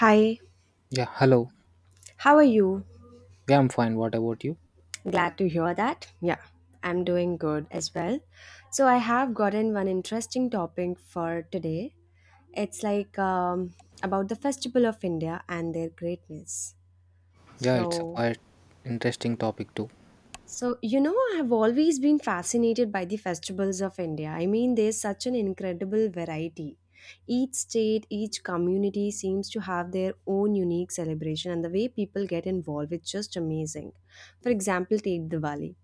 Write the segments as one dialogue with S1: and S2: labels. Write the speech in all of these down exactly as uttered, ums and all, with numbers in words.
S1: Hi,
S2: Yeah, hello.
S1: how are you?
S2: Yeah, I'm fine. What about you?
S1: Glad to hear that. Yeah, I'm doing good as well. So, I have gotten one interesting topic for today. It's like um, about the Festival of India and their greatness.
S2: Yeah, it's a
S1: So,
S2: quite interesting topic too.
S1: So, you know, I have always been fascinated by the festivals of India. I mean, there's such an incredible variety. Each state, each community seems to have their own unique celebration, and the way people get involved its just amazing. For example, take Diwali.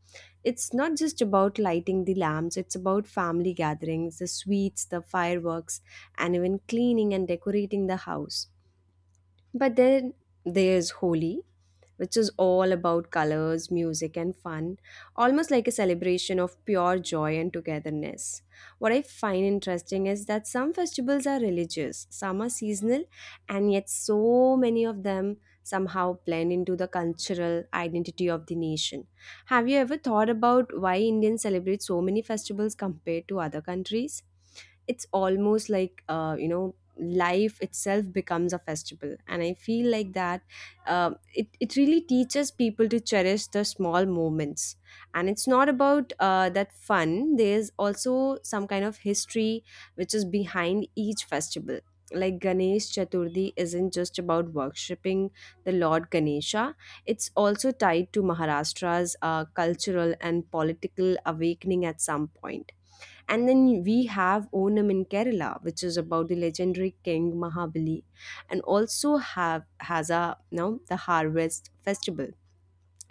S1: It's not just about lighting the lamps, it's about family gatherings, the sweets, the fireworks, and even cleaning and decorating the house. But then there's Holi, which is all about colors, music, and fun, almost like a celebration of pure joy and togetherness. What I find interesting is that some festivals are religious, some are seasonal, and yet so many of them somehow blend into the cultural identity of the nation. Have you ever thought about why Indians celebrate so many festivals compared to other countries? It's almost like uh, you know, life itself becomes a festival, and I feel like that, um it, it really teaches people to cherish the small moments. And it's not about uh, that fun. There's also some kind of history which is behind each festival. Like Ganesh Chaturthi isn't just about worshipping the Lord Ganesha, it's also tied to Maharashtra's uh, cultural and political awakening at some point. And then we have Onam in Kerala, which is about the legendary king Mahabali, and also have has a now the harvest festival.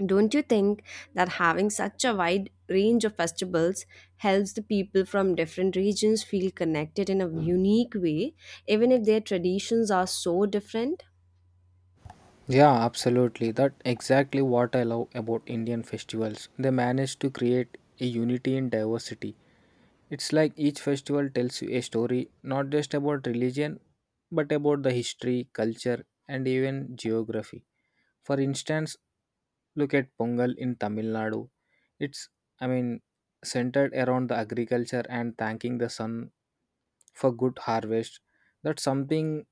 S1: Don't you think that having such a wide range of festivals helps the people from different regions feel connected in a unique way, even if their traditions are so different?
S2: Yeah, absolutely. That exactly what I love about Indian festivals. They manage to create a unity in diversity. It's like each festival tells you a story, not just about religion, but about the history, culture, and even geography. For instance, look at Pongal in Tamil Nadu. It's, I mean, centered around the agriculture and thanking the sun for good harvest. That's something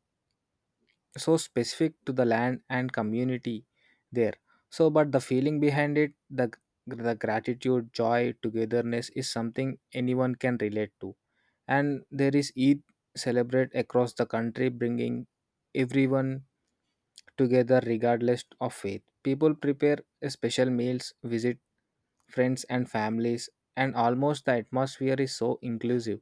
S2: so specific to the land and community there, so but the feeling behind it, the the gratitude, joy, togetherness is something anyone can relate to. And there is Eid celebrate across the country, bringing everyone together regardless of faith. People prepare a special meals, visit friends and families, and almost the atmosphere is so inclusive.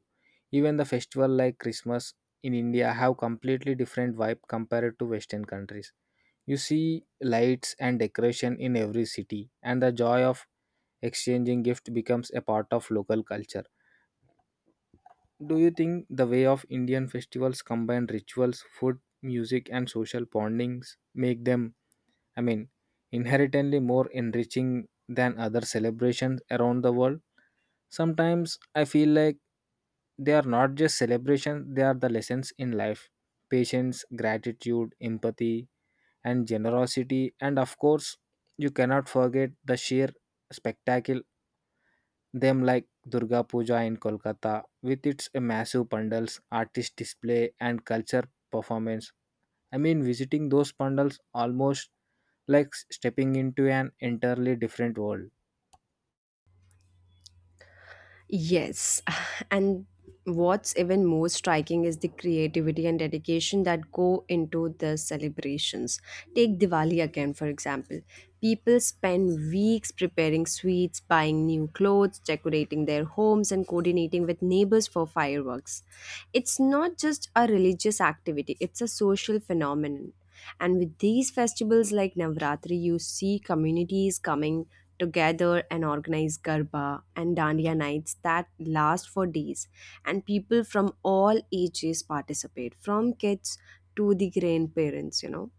S2: Even the festival like Christmas in India have completely different vibe compared to Western countries. You see lights and decoration in every city, and the joy of exchanging gift becomes a part of local culture. Do you think the way of Indian festivals combine rituals, food, music, and social bondings make them, I mean, inherently more enriching than other celebrations around the world? Sometimes I feel like they are not just celebrations, they are the lessons in life: patience, gratitude, empathy, and generosity. And of course, you cannot forget the sheer spectacle them like Durga Puja in Kolkata with its massive pandals, artist display, and culture performance. I mean, visiting those pandals almost like s- stepping into an entirely different world.
S1: Yes, and what's even more striking is the creativity and dedication that go into the celebrations. Take Diwali again, for example. People spend weeks preparing sweets, buying new clothes, decorating their homes, and coordinating with neighbors for fireworks. It's not just a religious activity, it's a social phenomenon. And with these festivals like Navratri, you see communities coming to gather and organize Garba and Dandiya nights that last for days. And people from all ages participate, from kids to the grandparents, you know.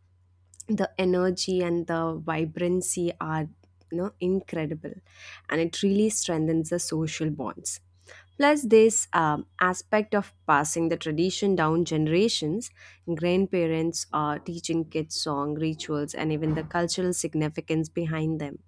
S1: The energy and the vibrancy are, you know, incredible, and it really strengthens the social bonds. Plus, this um, aspect of passing the tradition down generations, grandparents are teaching kids song rituals and even the cultural significance behind them.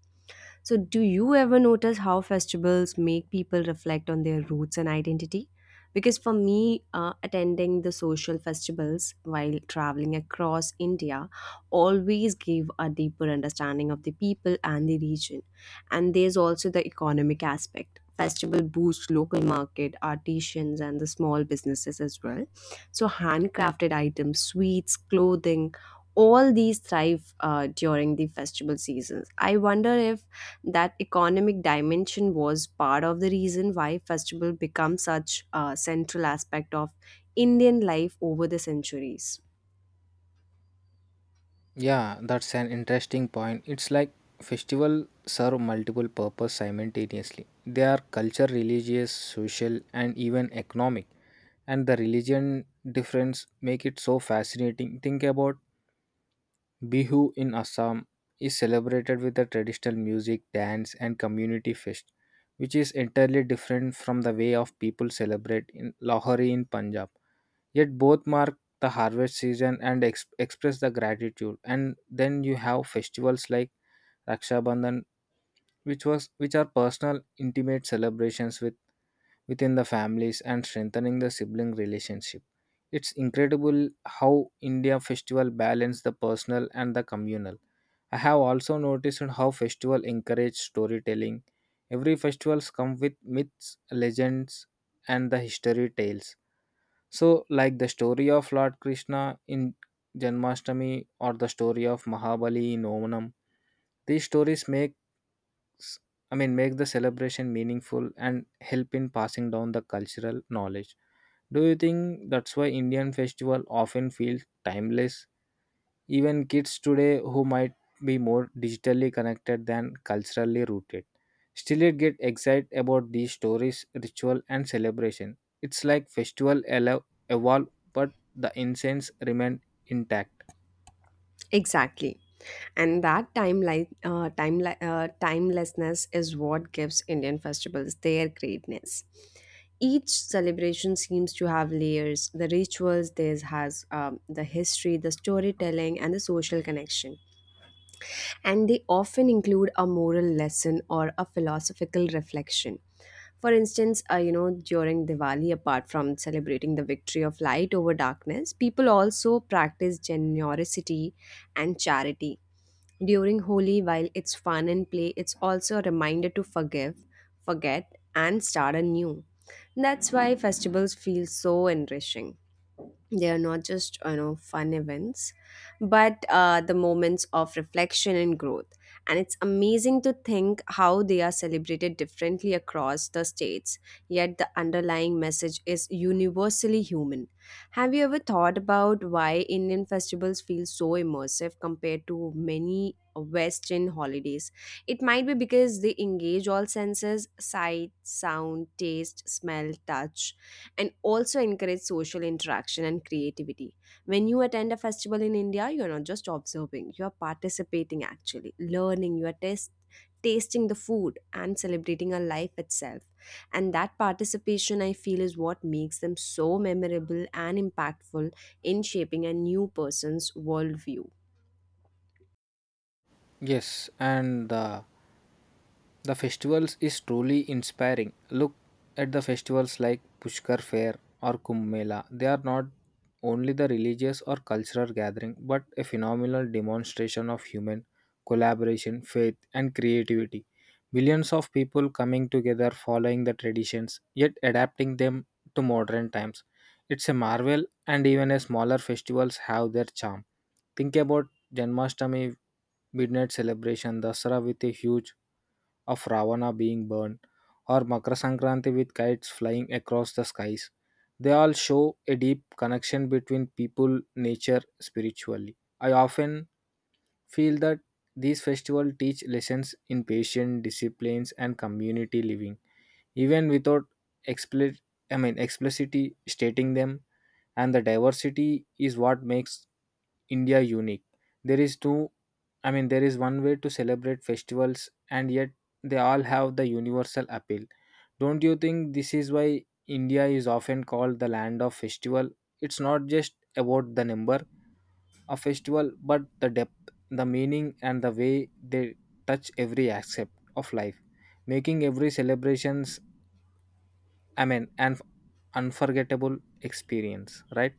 S1: So, do you ever notice how festivals make people reflect on their roots and identity? Because for me, uh, attending the social festivals while traveling across India always gave a deeper understanding of the people and the region. And there's also the economic aspect. Festival boosts local market, artisans, and the small businesses as well. So, handcrafted items, sweets, clothing, all these thrive uh, during the festival seasons. I wonder if that economic dimension was part of the reason why festival become such a central aspect of Indian life over the centuries.
S2: Yeah, that's an interesting point. It's like festival serve multiple purpose simultaneously. They are culture, religious, social, and even economic. And the religion difference make it so fascinating. Think about Bihu in Assam is celebrated with the traditional music, dance, and community fest, which is entirely different from the way of people celebrate in Lahori in Punjab. Yet both mark the harvest season and ex- express the gratitude. And then you have festivals like Raksha Bandhan which was which are personal intimate celebrations with within the families and strengthening the sibling relationship. It's incredible how India festival balance the personal and the communal. I have also noticed how festival encourage storytelling. Every festivals come with myths, legends, and the history tales, so, like the story of Lord Krishna in Janmashtami or the story of Mahabali in Omanam, these stories make s- I mean make the celebration meaningful and help in passing down the cultural knowledge. Do you think that's why Indian festival often feels timeless? Even kids today who might be more digitally connected than culturally rooted still it get excited about these stories, ritual and celebration. It's like festival elo- evolve but the incense remain intact.
S1: Exactly. And that timeline uh, time, uh, timelessness is what gives Indian festivals their greatness. Each celebration seems to have layers: the rituals there has, um, the history, the storytelling, and the social connection, and they often include a moral lesson or a philosophical reflection. For instance, uh, you know, during Diwali, apart from celebrating the victory of light over darkness, people also practice generosity and charity. During Holi, while it's fun and play, it's also a reminder to forgive, forget, and start anew. That's why festivals feel so enriching. They are not just, you know, fun events, but uh, the moments of reflection and growth. And it's amazing to think how they are celebrated differently across the states, yet the underlying message is universally human. Have you ever thought about why Indian festivals feel so immersive compared to many Western holidays? It might be because they engage all senses: sight, sound, taste, smell, touch, and also encourage social interaction and creativity. When you attend a festival in India, you are not just observing, you are participating actually, learning, you are test, tasting the food and celebrating a life itself. And that participation, I feel, is what makes them so memorable and impactful in shaping a new person's worldview.
S2: Yes, and the The festivals is truly inspiring. Look at the festivals like Pushkar Fair or Kumbh Mela. They are not only the religious or cultural gathering but a phenomenal demonstration of human collaboration, faith and creativity. Millions of people coming together following the traditions yet adapting them to modern times. It's a marvel, and even a smaller festivals have their charm. Think about Janmashtami midnight celebration, Dasara with a huge of Ravana being burned, or Makar Sankranti with kites flying across the skies. They all show a deep connection between people, nature, spiritually. I often feel that these festivals teach lessons in patience, disciplines, and community living, even without explicit, I mean, explicitly stating them. And the diversity is what makes India unique. There is two, I mean there is one way to celebrate festivals and yet they all have the universal appeal. Don't you think this is why India is often called the land of festival? It's not just about the number of festival but the depth, the meaning and the way they touch every aspect of life, making every celebrations, I mean an unforgettable experience, right?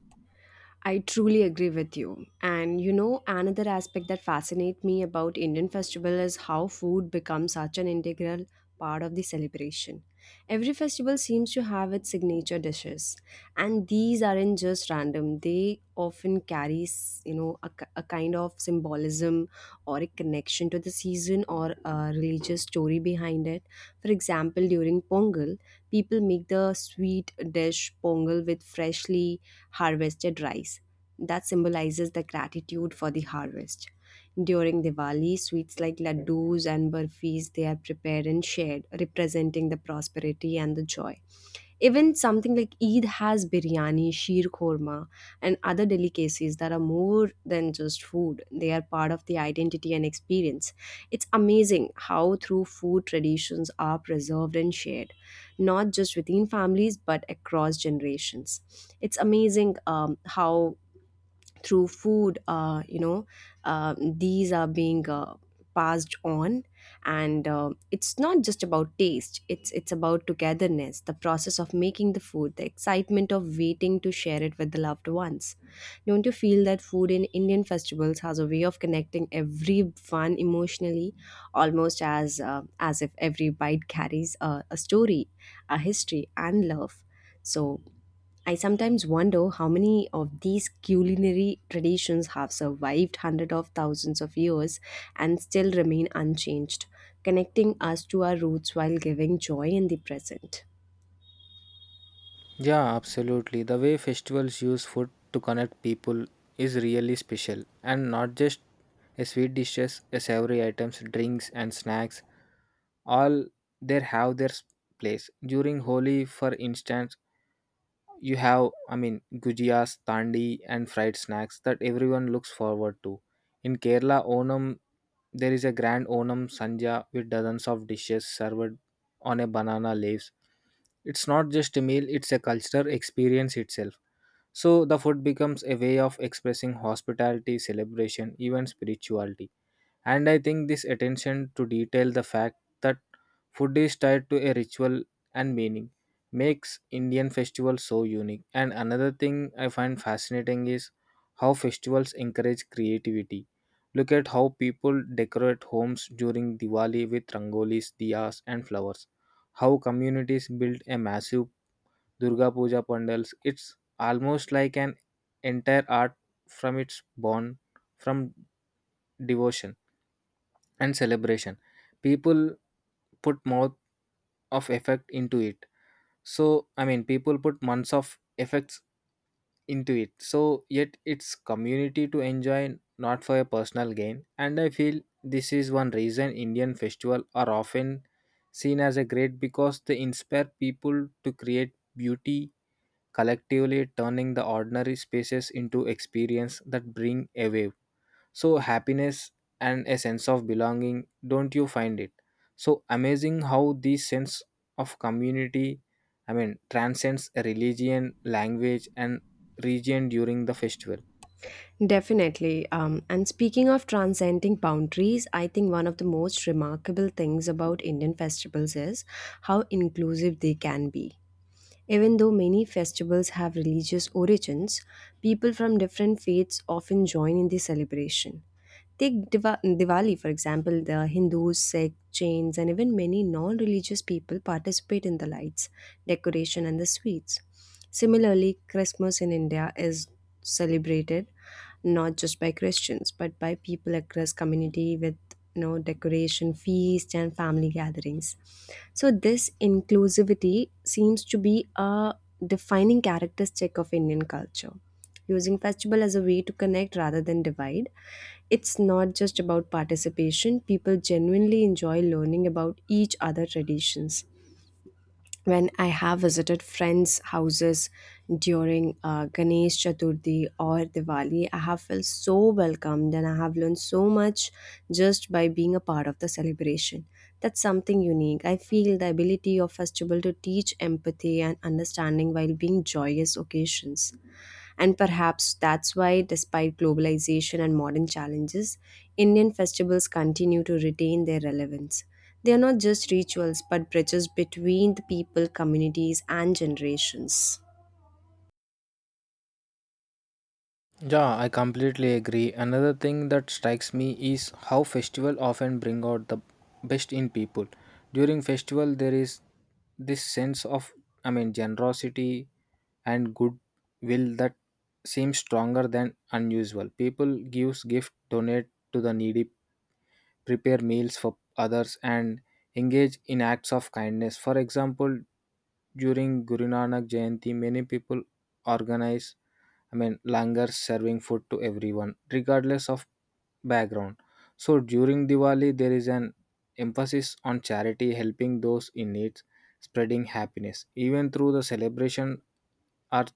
S1: I truly agree with you. And you know, another aspect that fascinates me about Indian festival is how food becomes such an integral part of the celebration. Every festival seems to have its signature dishes, and these aren't just random. They often carry, s- you know, a, k- a kind of symbolism or a connection to the season or a religious story behind it. For example, during Pongal, people make the sweet dish pongal with freshly harvested rice that symbolizes the gratitude for the harvest. During Diwali, sweets like laddus and burfis they are prepared and shared, representing the prosperity and the joy. Even something like Eid has biryani, sheer korma, and other delicacies that are more than just food. They are part of the identity and experience. It's amazing how through food traditions are preserved and shared, not just within families but across generations. It's amazing um, how through food, uh, you know, uh, these are being uh, passed on. And uh, it's not just about taste, it's it's about togetherness, the process of making the food, the excitement of waiting to share it with the loved ones. Don't you feel that food in Indian festivals has a way of connecting everyone emotionally, almost as uh, as if every bite carries a, a story, a history and love. So I sometimes wonder how many of these culinary traditions have survived hundreds of thousands of years and still remain unchanged, connecting us to our roots while giving joy in the present.
S2: Yeah, absolutely. The way festivals use food to connect people is really special, and not just a sweet dishes, a savory items, drinks, and snacks. All they have their s- place. During Holi, for instance, you have, I mean, gujiyas, tandi, and fried snacks that everyone looks forward to. In Kerala, Onam, there is a grand Onam Sanja with dozens of dishes served on a banana leaves. It's not just a meal, it's a cultural experience itself. So the food becomes a way of expressing hospitality, celebration, even spirituality. And I think this attention to detail, the fact that food is tied to a ritual and meaning, makes Indian festivals so unique. And another thing I find fascinating is how festivals encourage creativity. Look at how people decorate homes during Diwali with rangolis, diyas, and flowers. How communities build a massive Durga Puja pandals. It's almost like an entire art from its born from devotion and celebration. People put more of effect into it. So I mean, people put months of effects into it. So yet it's community to enjoy, not for a personal gain. And I feel this is one reason Indian festival are often seen as a great because they inspire people to create beauty collectively, turning the ordinary spaces into experience that bring a wave so happiness and a sense of belonging. Don't you find it so amazing how this sense of community, i mean transcends religion, language and region during the festival?
S1: Definitely. Um, and speaking of transcending boundaries, I think one of the most remarkable things about Indian festivals is how inclusive they can be. Even though many festivals have religious origins, people from different faiths often join in the celebration. Take Diva- Diwali, for example. The Hindus, Sikhs, Jains, and even many non religious people participate in the lights, decoration, and the sweets. Similarly, Christmas in India is celebrated not just by Christians, but by people across community with, you know, decoration, feast, and family gatherings. So this inclusivity seems to be a defining characteristic of Indian culture. Using festival as a way to connect rather than divide, it's not just about participation. People genuinely enjoy learning about each other traditions. When I have visited friends' houses during uh, Ganesh Chaturthi or Diwali, I have felt so welcomed and I have learned so much just by being a part of the celebration. That's something unique. I feel the ability of festival to teach empathy and understanding while being joyous occasions. And perhaps that's why, despite globalization and modern challenges, Indian festivals continue to retain their relevance. They are not just rituals but bridges between the people, communities, and generations.
S2: Yeah, I completely agree. Another thing that strikes me is how festival often bring out the best in people. During festival there is this sense of, I mean generosity and goodwill that seems stronger than unusual. People gives gift, donate to the needy, prepare meals for others and engage in acts of kindness. For example, during Guru Nanak Jayanti many people organize, I mean, langars serving food to everyone, regardless of background. So during Diwali, there is an emphasis on charity, helping those in need, spreading happiness. Even through the celebration are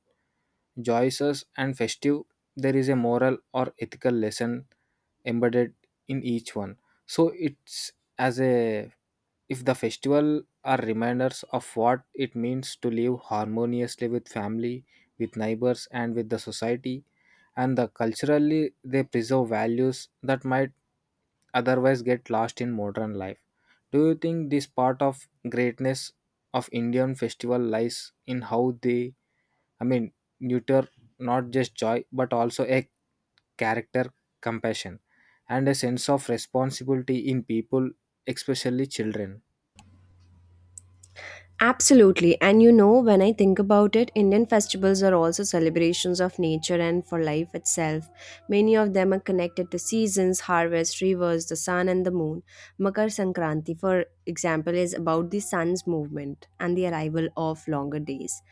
S2: joyous and festive, there is a moral or ethical lesson embedded in each one. So it's as a if the festival are reminders of what it means to live harmoniously with family, with neighbors and with the society, and the culturally they preserve values that might otherwise get lost in modern life. Do you think this part of greatness of Indian festival lies in how they, i mean nurture not just joy but also a character, compassion, and a sense of responsibility in people, especially children?
S1: Absolutely. And you know, when I think about it, Indian festivals are also celebrations of nature and for life itself. Many of them are connected to seasons, harvest, rivers, the sun, and the moon. Makar Sankranti, for example, is about the sun's movement and the arrival of longer days.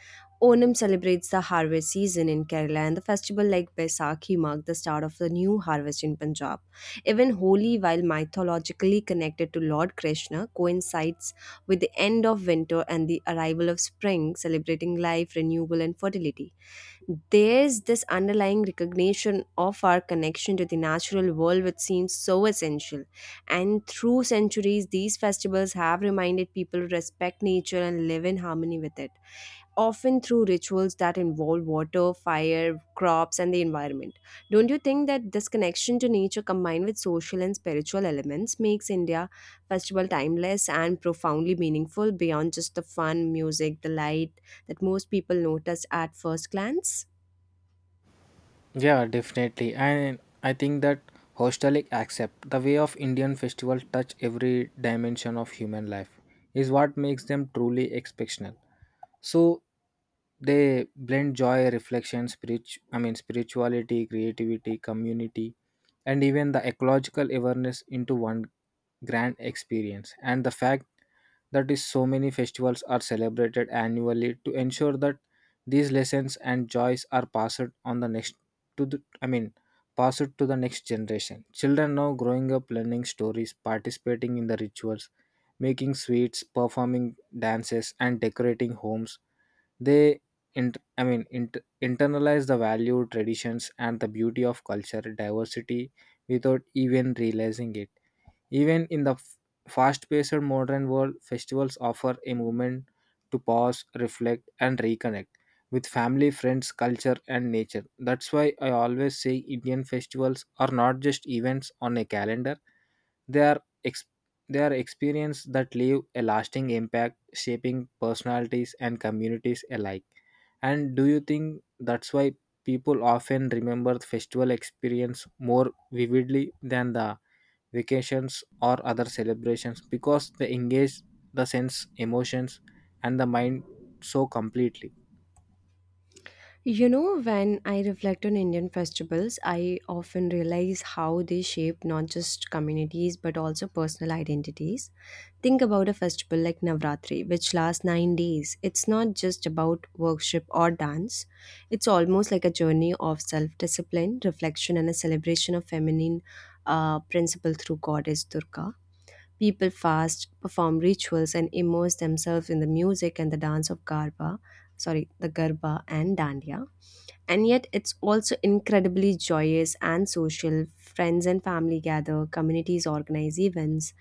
S1: Onam celebrates the harvest season in Kerala, and the festival like Baisakhi mark the start of the new harvest in Punjab. Even Holi, while mythologically connected to Lord Krishna, coincides with the end of winter and the arrival of spring, celebrating life, renewal, and fertility. There's this underlying recognition of our connection to the natural world, which seems so essential. And through centuries, these festivals have reminded people to respect nature and live in harmony with it, often through rituals that involve water, fire, crops, and the environment. Don't you think that this connection to nature combined with social and spiritual elements makes India festival timeless and profoundly meaningful beyond just the fun, music, the light that most people notice at first glance?
S2: Yeah, definitely. And I think that hostelic accept the way of Indian festival touch every dimension of human life is what makes them truly exceptional. So they blend joy, reflection, spirit, I mean spirituality, creativity, community, and even the ecological awareness into one grand experience. And the fact that is so many festivals are celebrated annually to ensure that these lessons and joys are passed on the next to the I mean passed to the next generation. Children now growing up learning stories, participating in the rituals, making sweets, performing dances and decorating homes, they int- I mean int- internalize the value, traditions, and the beauty of culture diversity without even realizing it. Even in the f- fast-paced modern world, festivals offer a moment to pause, reflect, and reconnect with family, friends, culture, and nature. That's why I always say Indian festivals are not just events on a calendar, they are ex- they are experiences that leave a lasting impact, shaping personalities and communities alike. And do you think that's why people often remember the festival experience more vividly than the vacations or other celebrations because they engage the sense, emotions, and the mind so completely?
S1: You know, when I reflect on Indian festivals, I often realize how they shape not just communities but also personal identities. Think about a festival like Navratri, which lasts nine days. It's not just about worship or dance, it's almost like a journey of self discipline, reflection, and a celebration of feminine uh, principle through goddess Durga. People fast, perform rituals, and immerse themselves in the music and the dance of Garba, sorry, the Garba and Dandiya, and yet it's also incredibly joyous and social. Friends and family gather, communities organize events,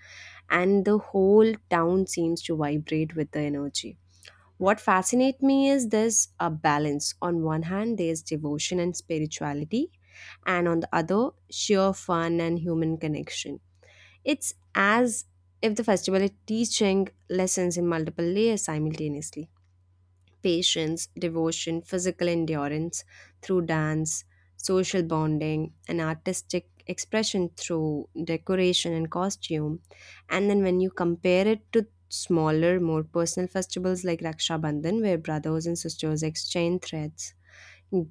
S1: and the whole town seems to vibrate with the energy. What fascinates me is there's a balance. On one hand, there's devotion and spirituality, and on the other, sheer fun and human connection. It's as if the festival is teaching lessons in multiple layers simultaneously: patience, devotion, physical endurance through dance, social bonding, and artistic expression through decoration and costume. And then when you compare it to smaller, more personal festivals like Raksha Bandhan, where brothers and sisters exchange threads,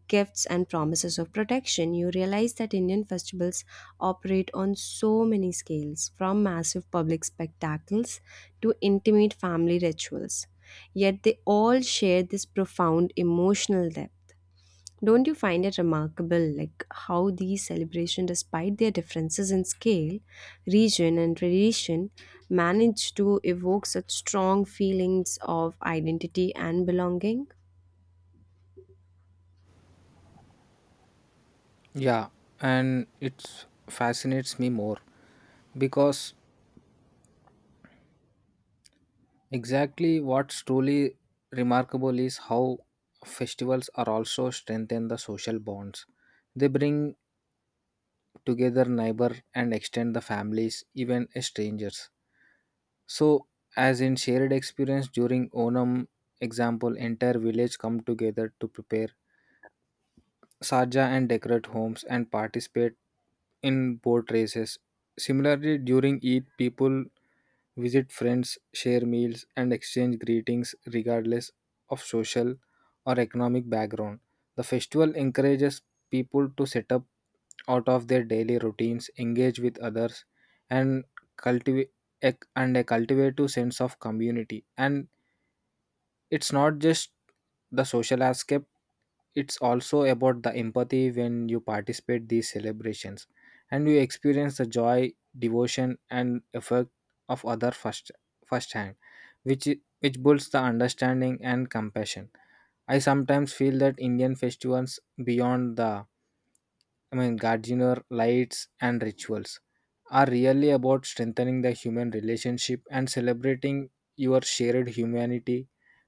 S1: gifts, and promises of protection, you realize that Indian festivals operate on so many scales, from massive public spectacles to intimate family rituals. Yet they all share this profound emotional depth. Don't you find it remarkable, like how these celebrations, despite their differences in scale, region and tradition, manage to evoke such strong feelings of identity and belonging?
S2: Yeah, and it fascinates me more because exactly what's truly remarkable is how festivals are also strengthen the social bonds. They bring together neighbor and extend the families, even strangers. So as in shared experience during Onam example, entire village come together to prepare saja and decorate homes and participate in boat races. Similarly during Eid, people visit friends, share meals, and exchange greetings regardless of social or economic background. The festival encourages people to set up out of their daily routines, engage with others, and cultivate and a cultivative sense of community. And it's not just the social aspect, it's also about the empathy when you participate these celebrations and you experience the joy, devotion and effect of other first firsthand, which i- which builds the understanding and compassion. I sometimes feel that Indian festivals beyond the, I mean, gardener lights and rituals are really about strengthening the human relationship and celebrating your shared humanity.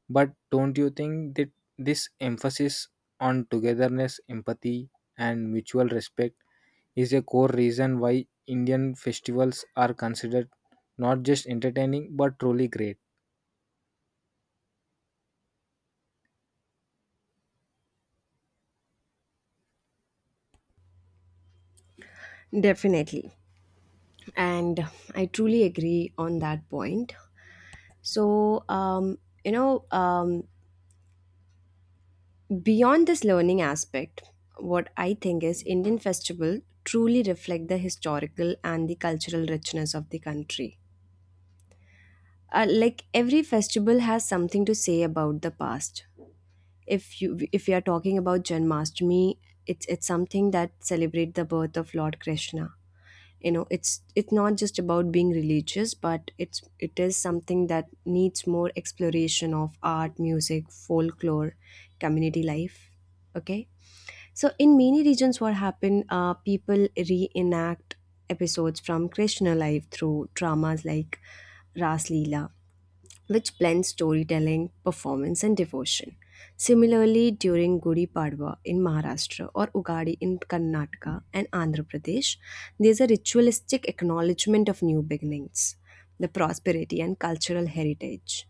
S2: But don't you think that this emphasis on togetherness, empathy, and mutual respect is a core reason why Indian festivals are considered not just entertaining but truly great?
S1: Definitely. And I truly agree on that point. So um, you know um, beyond this learning aspect, what I think is Indian festival truly reflect the historical and the cultural richness of the country. Uh, like every festival has something to say about the past. If you if you are talking about Janmashtami, it's it's something that celebrate the birth of Lord Krishna. You know, it's it's not just about being religious, but it's it is something that needs more exploration of art, music, folklore, community life. Okay. So in many regions, what happened, uh, people reenact episodes from Krishna life through dramas like Ras Leela, which blends storytelling, performance, and devotion. Similarly, during Gudi Padwa in Maharashtra or Ugadi in Karnataka and Andhra Pradesh, there is a ritualistic acknowledgement of new beginnings, the prosperity, and cultural heritage.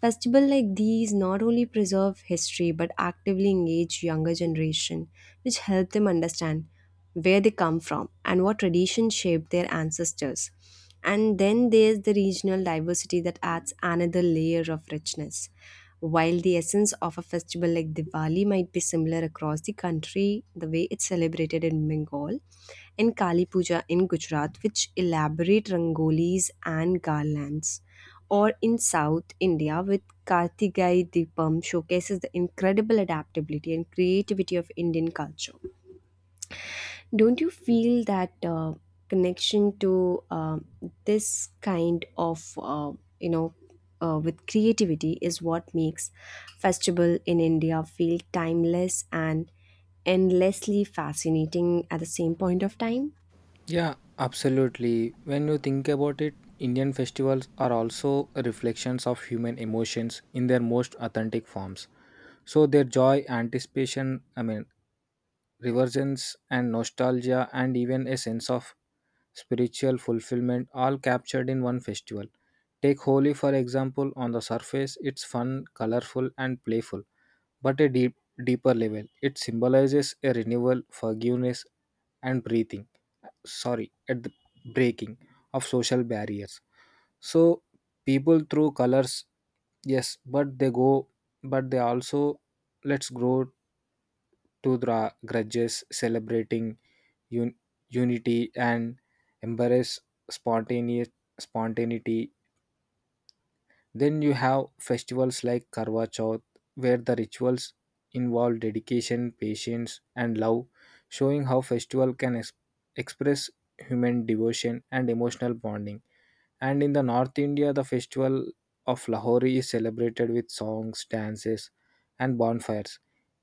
S1: Festivals like these not only preserve history but actively engage younger generation, which help them understand where they come from and what traditions shaped their ancestors. And then there's the regional diversity that adds another layer of richness. While the essence of a festival like Diwali might be similar across the country, the way it's celebrated in Bengal and Kali Puja in Gujarat, which elaborate rangolis and garlands, or in South India with Kartigai Deepam, showcases the incredible adaptability and creativity of Indian culture. Don't you feel that uh, connection to um this kind of, uh, you know, uh, with creativity is what makes festival in India feel timeless and endlessly fascinating at the same point of time?
S2: Yeah, absolutely. When you think about it, Indian festivals are also reflections of human emotions in their most authentic forms. So their joy, anticipation, I mean, revergence and nostalgia and even a sense of spiritual fulfillment all captured in one festival. Take Holi for example, on the surface it's fun, colorful and playful, but a deep, deeper level it symbolizes a renewal, forgiveness and breathing, sorry, at the breaking of social barriers. So people through colors, yes, but they go, but they also let's grow to the grudges, celebrating un- unity and embrace spontaneous spontaneity. Then you have festivals like Karwa Chauth, where the rituals involve dedication, patience, and love, showing how festival can ex- express human devotion and emotional bonding. And in the North India, the festival of Lahori is celebrated with songs, dances, and bonfires.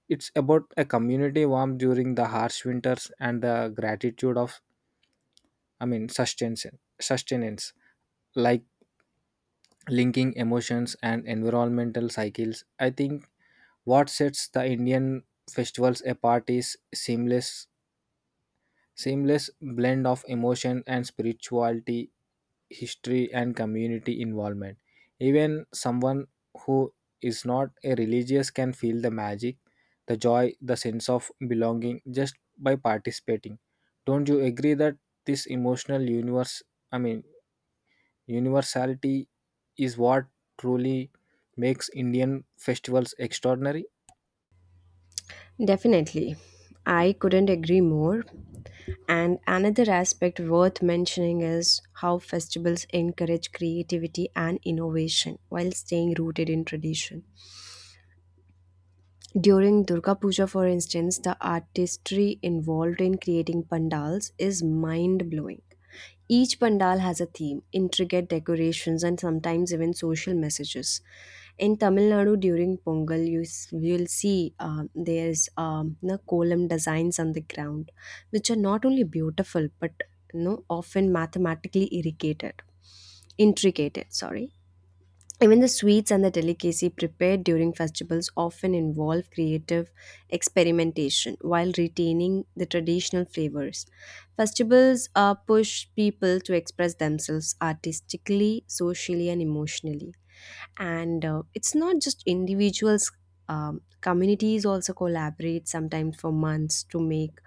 S2: It's about a community warmth during the harsh winters and the gratitude of, I mean, sustenance, sustenance, like linking emotions and environmental cycles. I think what sets the Indian festivals apart is seamless seamless blend of emotion and spirituality, history, and community involvement. Even someone who is not a religious can feel the magic, the joy, the sense of belonging just by participating. Don't you agree that this emotional universe, I mean, universality is what truly makes Indian festivals extraordinary?
S1: Definitely. I couldn't agree more. And another aspect worth mentioning is how festivals encourage creativity and innovation while staying rooted in tradition. During Durga Puja, for instance, the artistry involved in creating pandals is mind blowing. Each pandal has a theme, intricate decorations, and sometimes even social messages. In Tamil Nadu, during Pongal, you s- you'll see um, there's um, the column designs on the ground, which are not only beautiful but, you know, often mathematically irrigated, intricated. Sorry, even the sweets and the delicacy prepared during festivals often involve creative experimentation while retaining the traditional flavors. Festivals uh, push people to express themselves artistically, socially, and emotionally. And uh, it's not just individuals. Um, communities also collaborate sometimes for months to make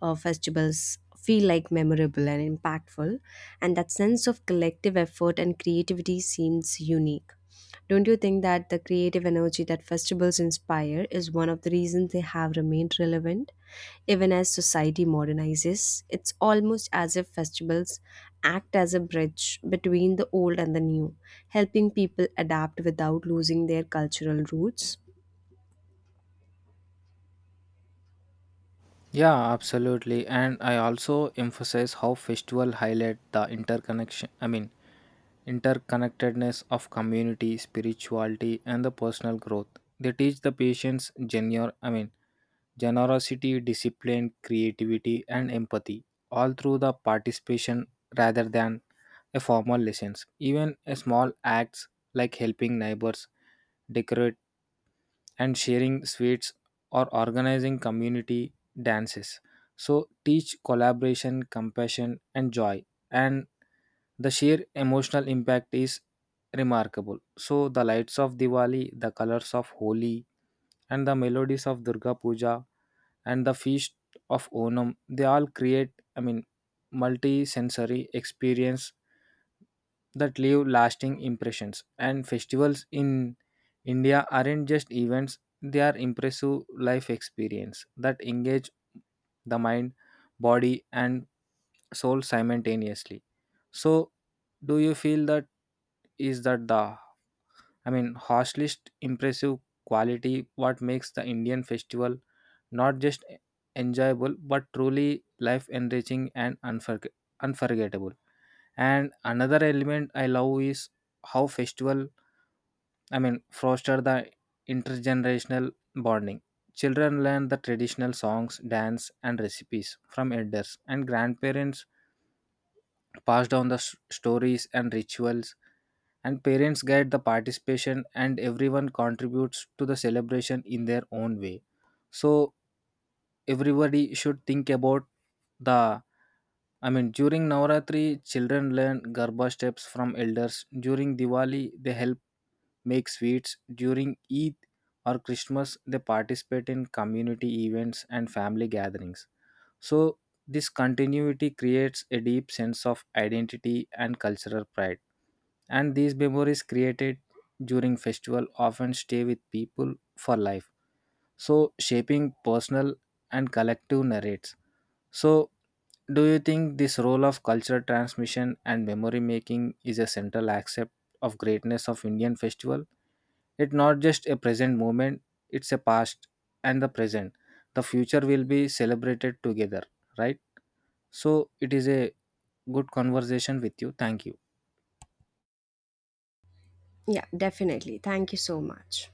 S1: uh, festivals feel like memorable and impactful, and that sense of collective effort and creativity seems unique. Don't you think that the creative energy that festivals inspire is one of the reasons they have remained relevant? Even as society modernizes, it's almost as if festivals act as a bridge between the old and the new, helping people adapt without losing their cultural roots.
S2: Yeah, absolutely. And I also emphasize how festival highlight the interconnection, I mean interconnectedness of community, spirituality and the personal growth. They teach the patients genuine, I mean generosity, discipline, creativity and empathy all through the participation rather than a formal lessons. Even a small acts like helping neighbors decorate and sharing sweets or organizing community dances. So, teach collaboration, compassion, and joy. And the sheer emotional impact is remarkable. So, the lights of Diwali, the colors of Holi, and the melodies of Durga Puja and the feast of Onam, they all create, I mean, multi sensory experience that leave lasting impressions. And festivals in India aren't just events, they are impressive life experience that engage the mind, body and soul simultaneously. So do you feel that is that the, I mean harshest impressive quality what makes the Indian festival not just enjoyable but truly life enriching and unforg- unforgettable? And another element I love is how festival, I mean, foster the intergenerational bonding. Children learn the traditional songs, dance, and recipes from elders, and grandparents pass down the s- stories and rituals, and parents guide the participation, and everyone contributes to the celebration in their own way. So, everybody should think about the, I mean, during Navratri, children learn Garba steps from elders. During Diwali, they help make sweets. During Eid or Christmas, they participate in community events and family gatherings. So, this continuity creates a deep sense of identity and cultural pride. And these memories created during festival often stay with people for life. So, shaping personal and collective narratives. So, do you think this role of cultural transmission and memory making is a central aspect of greatness of Indian festival? It's not just a present moment; it's a past and the present. The future will be celebrated together, right? So, it is a good conversation with you. Thank you.
S1: Yeah, definitely. Thank you so much.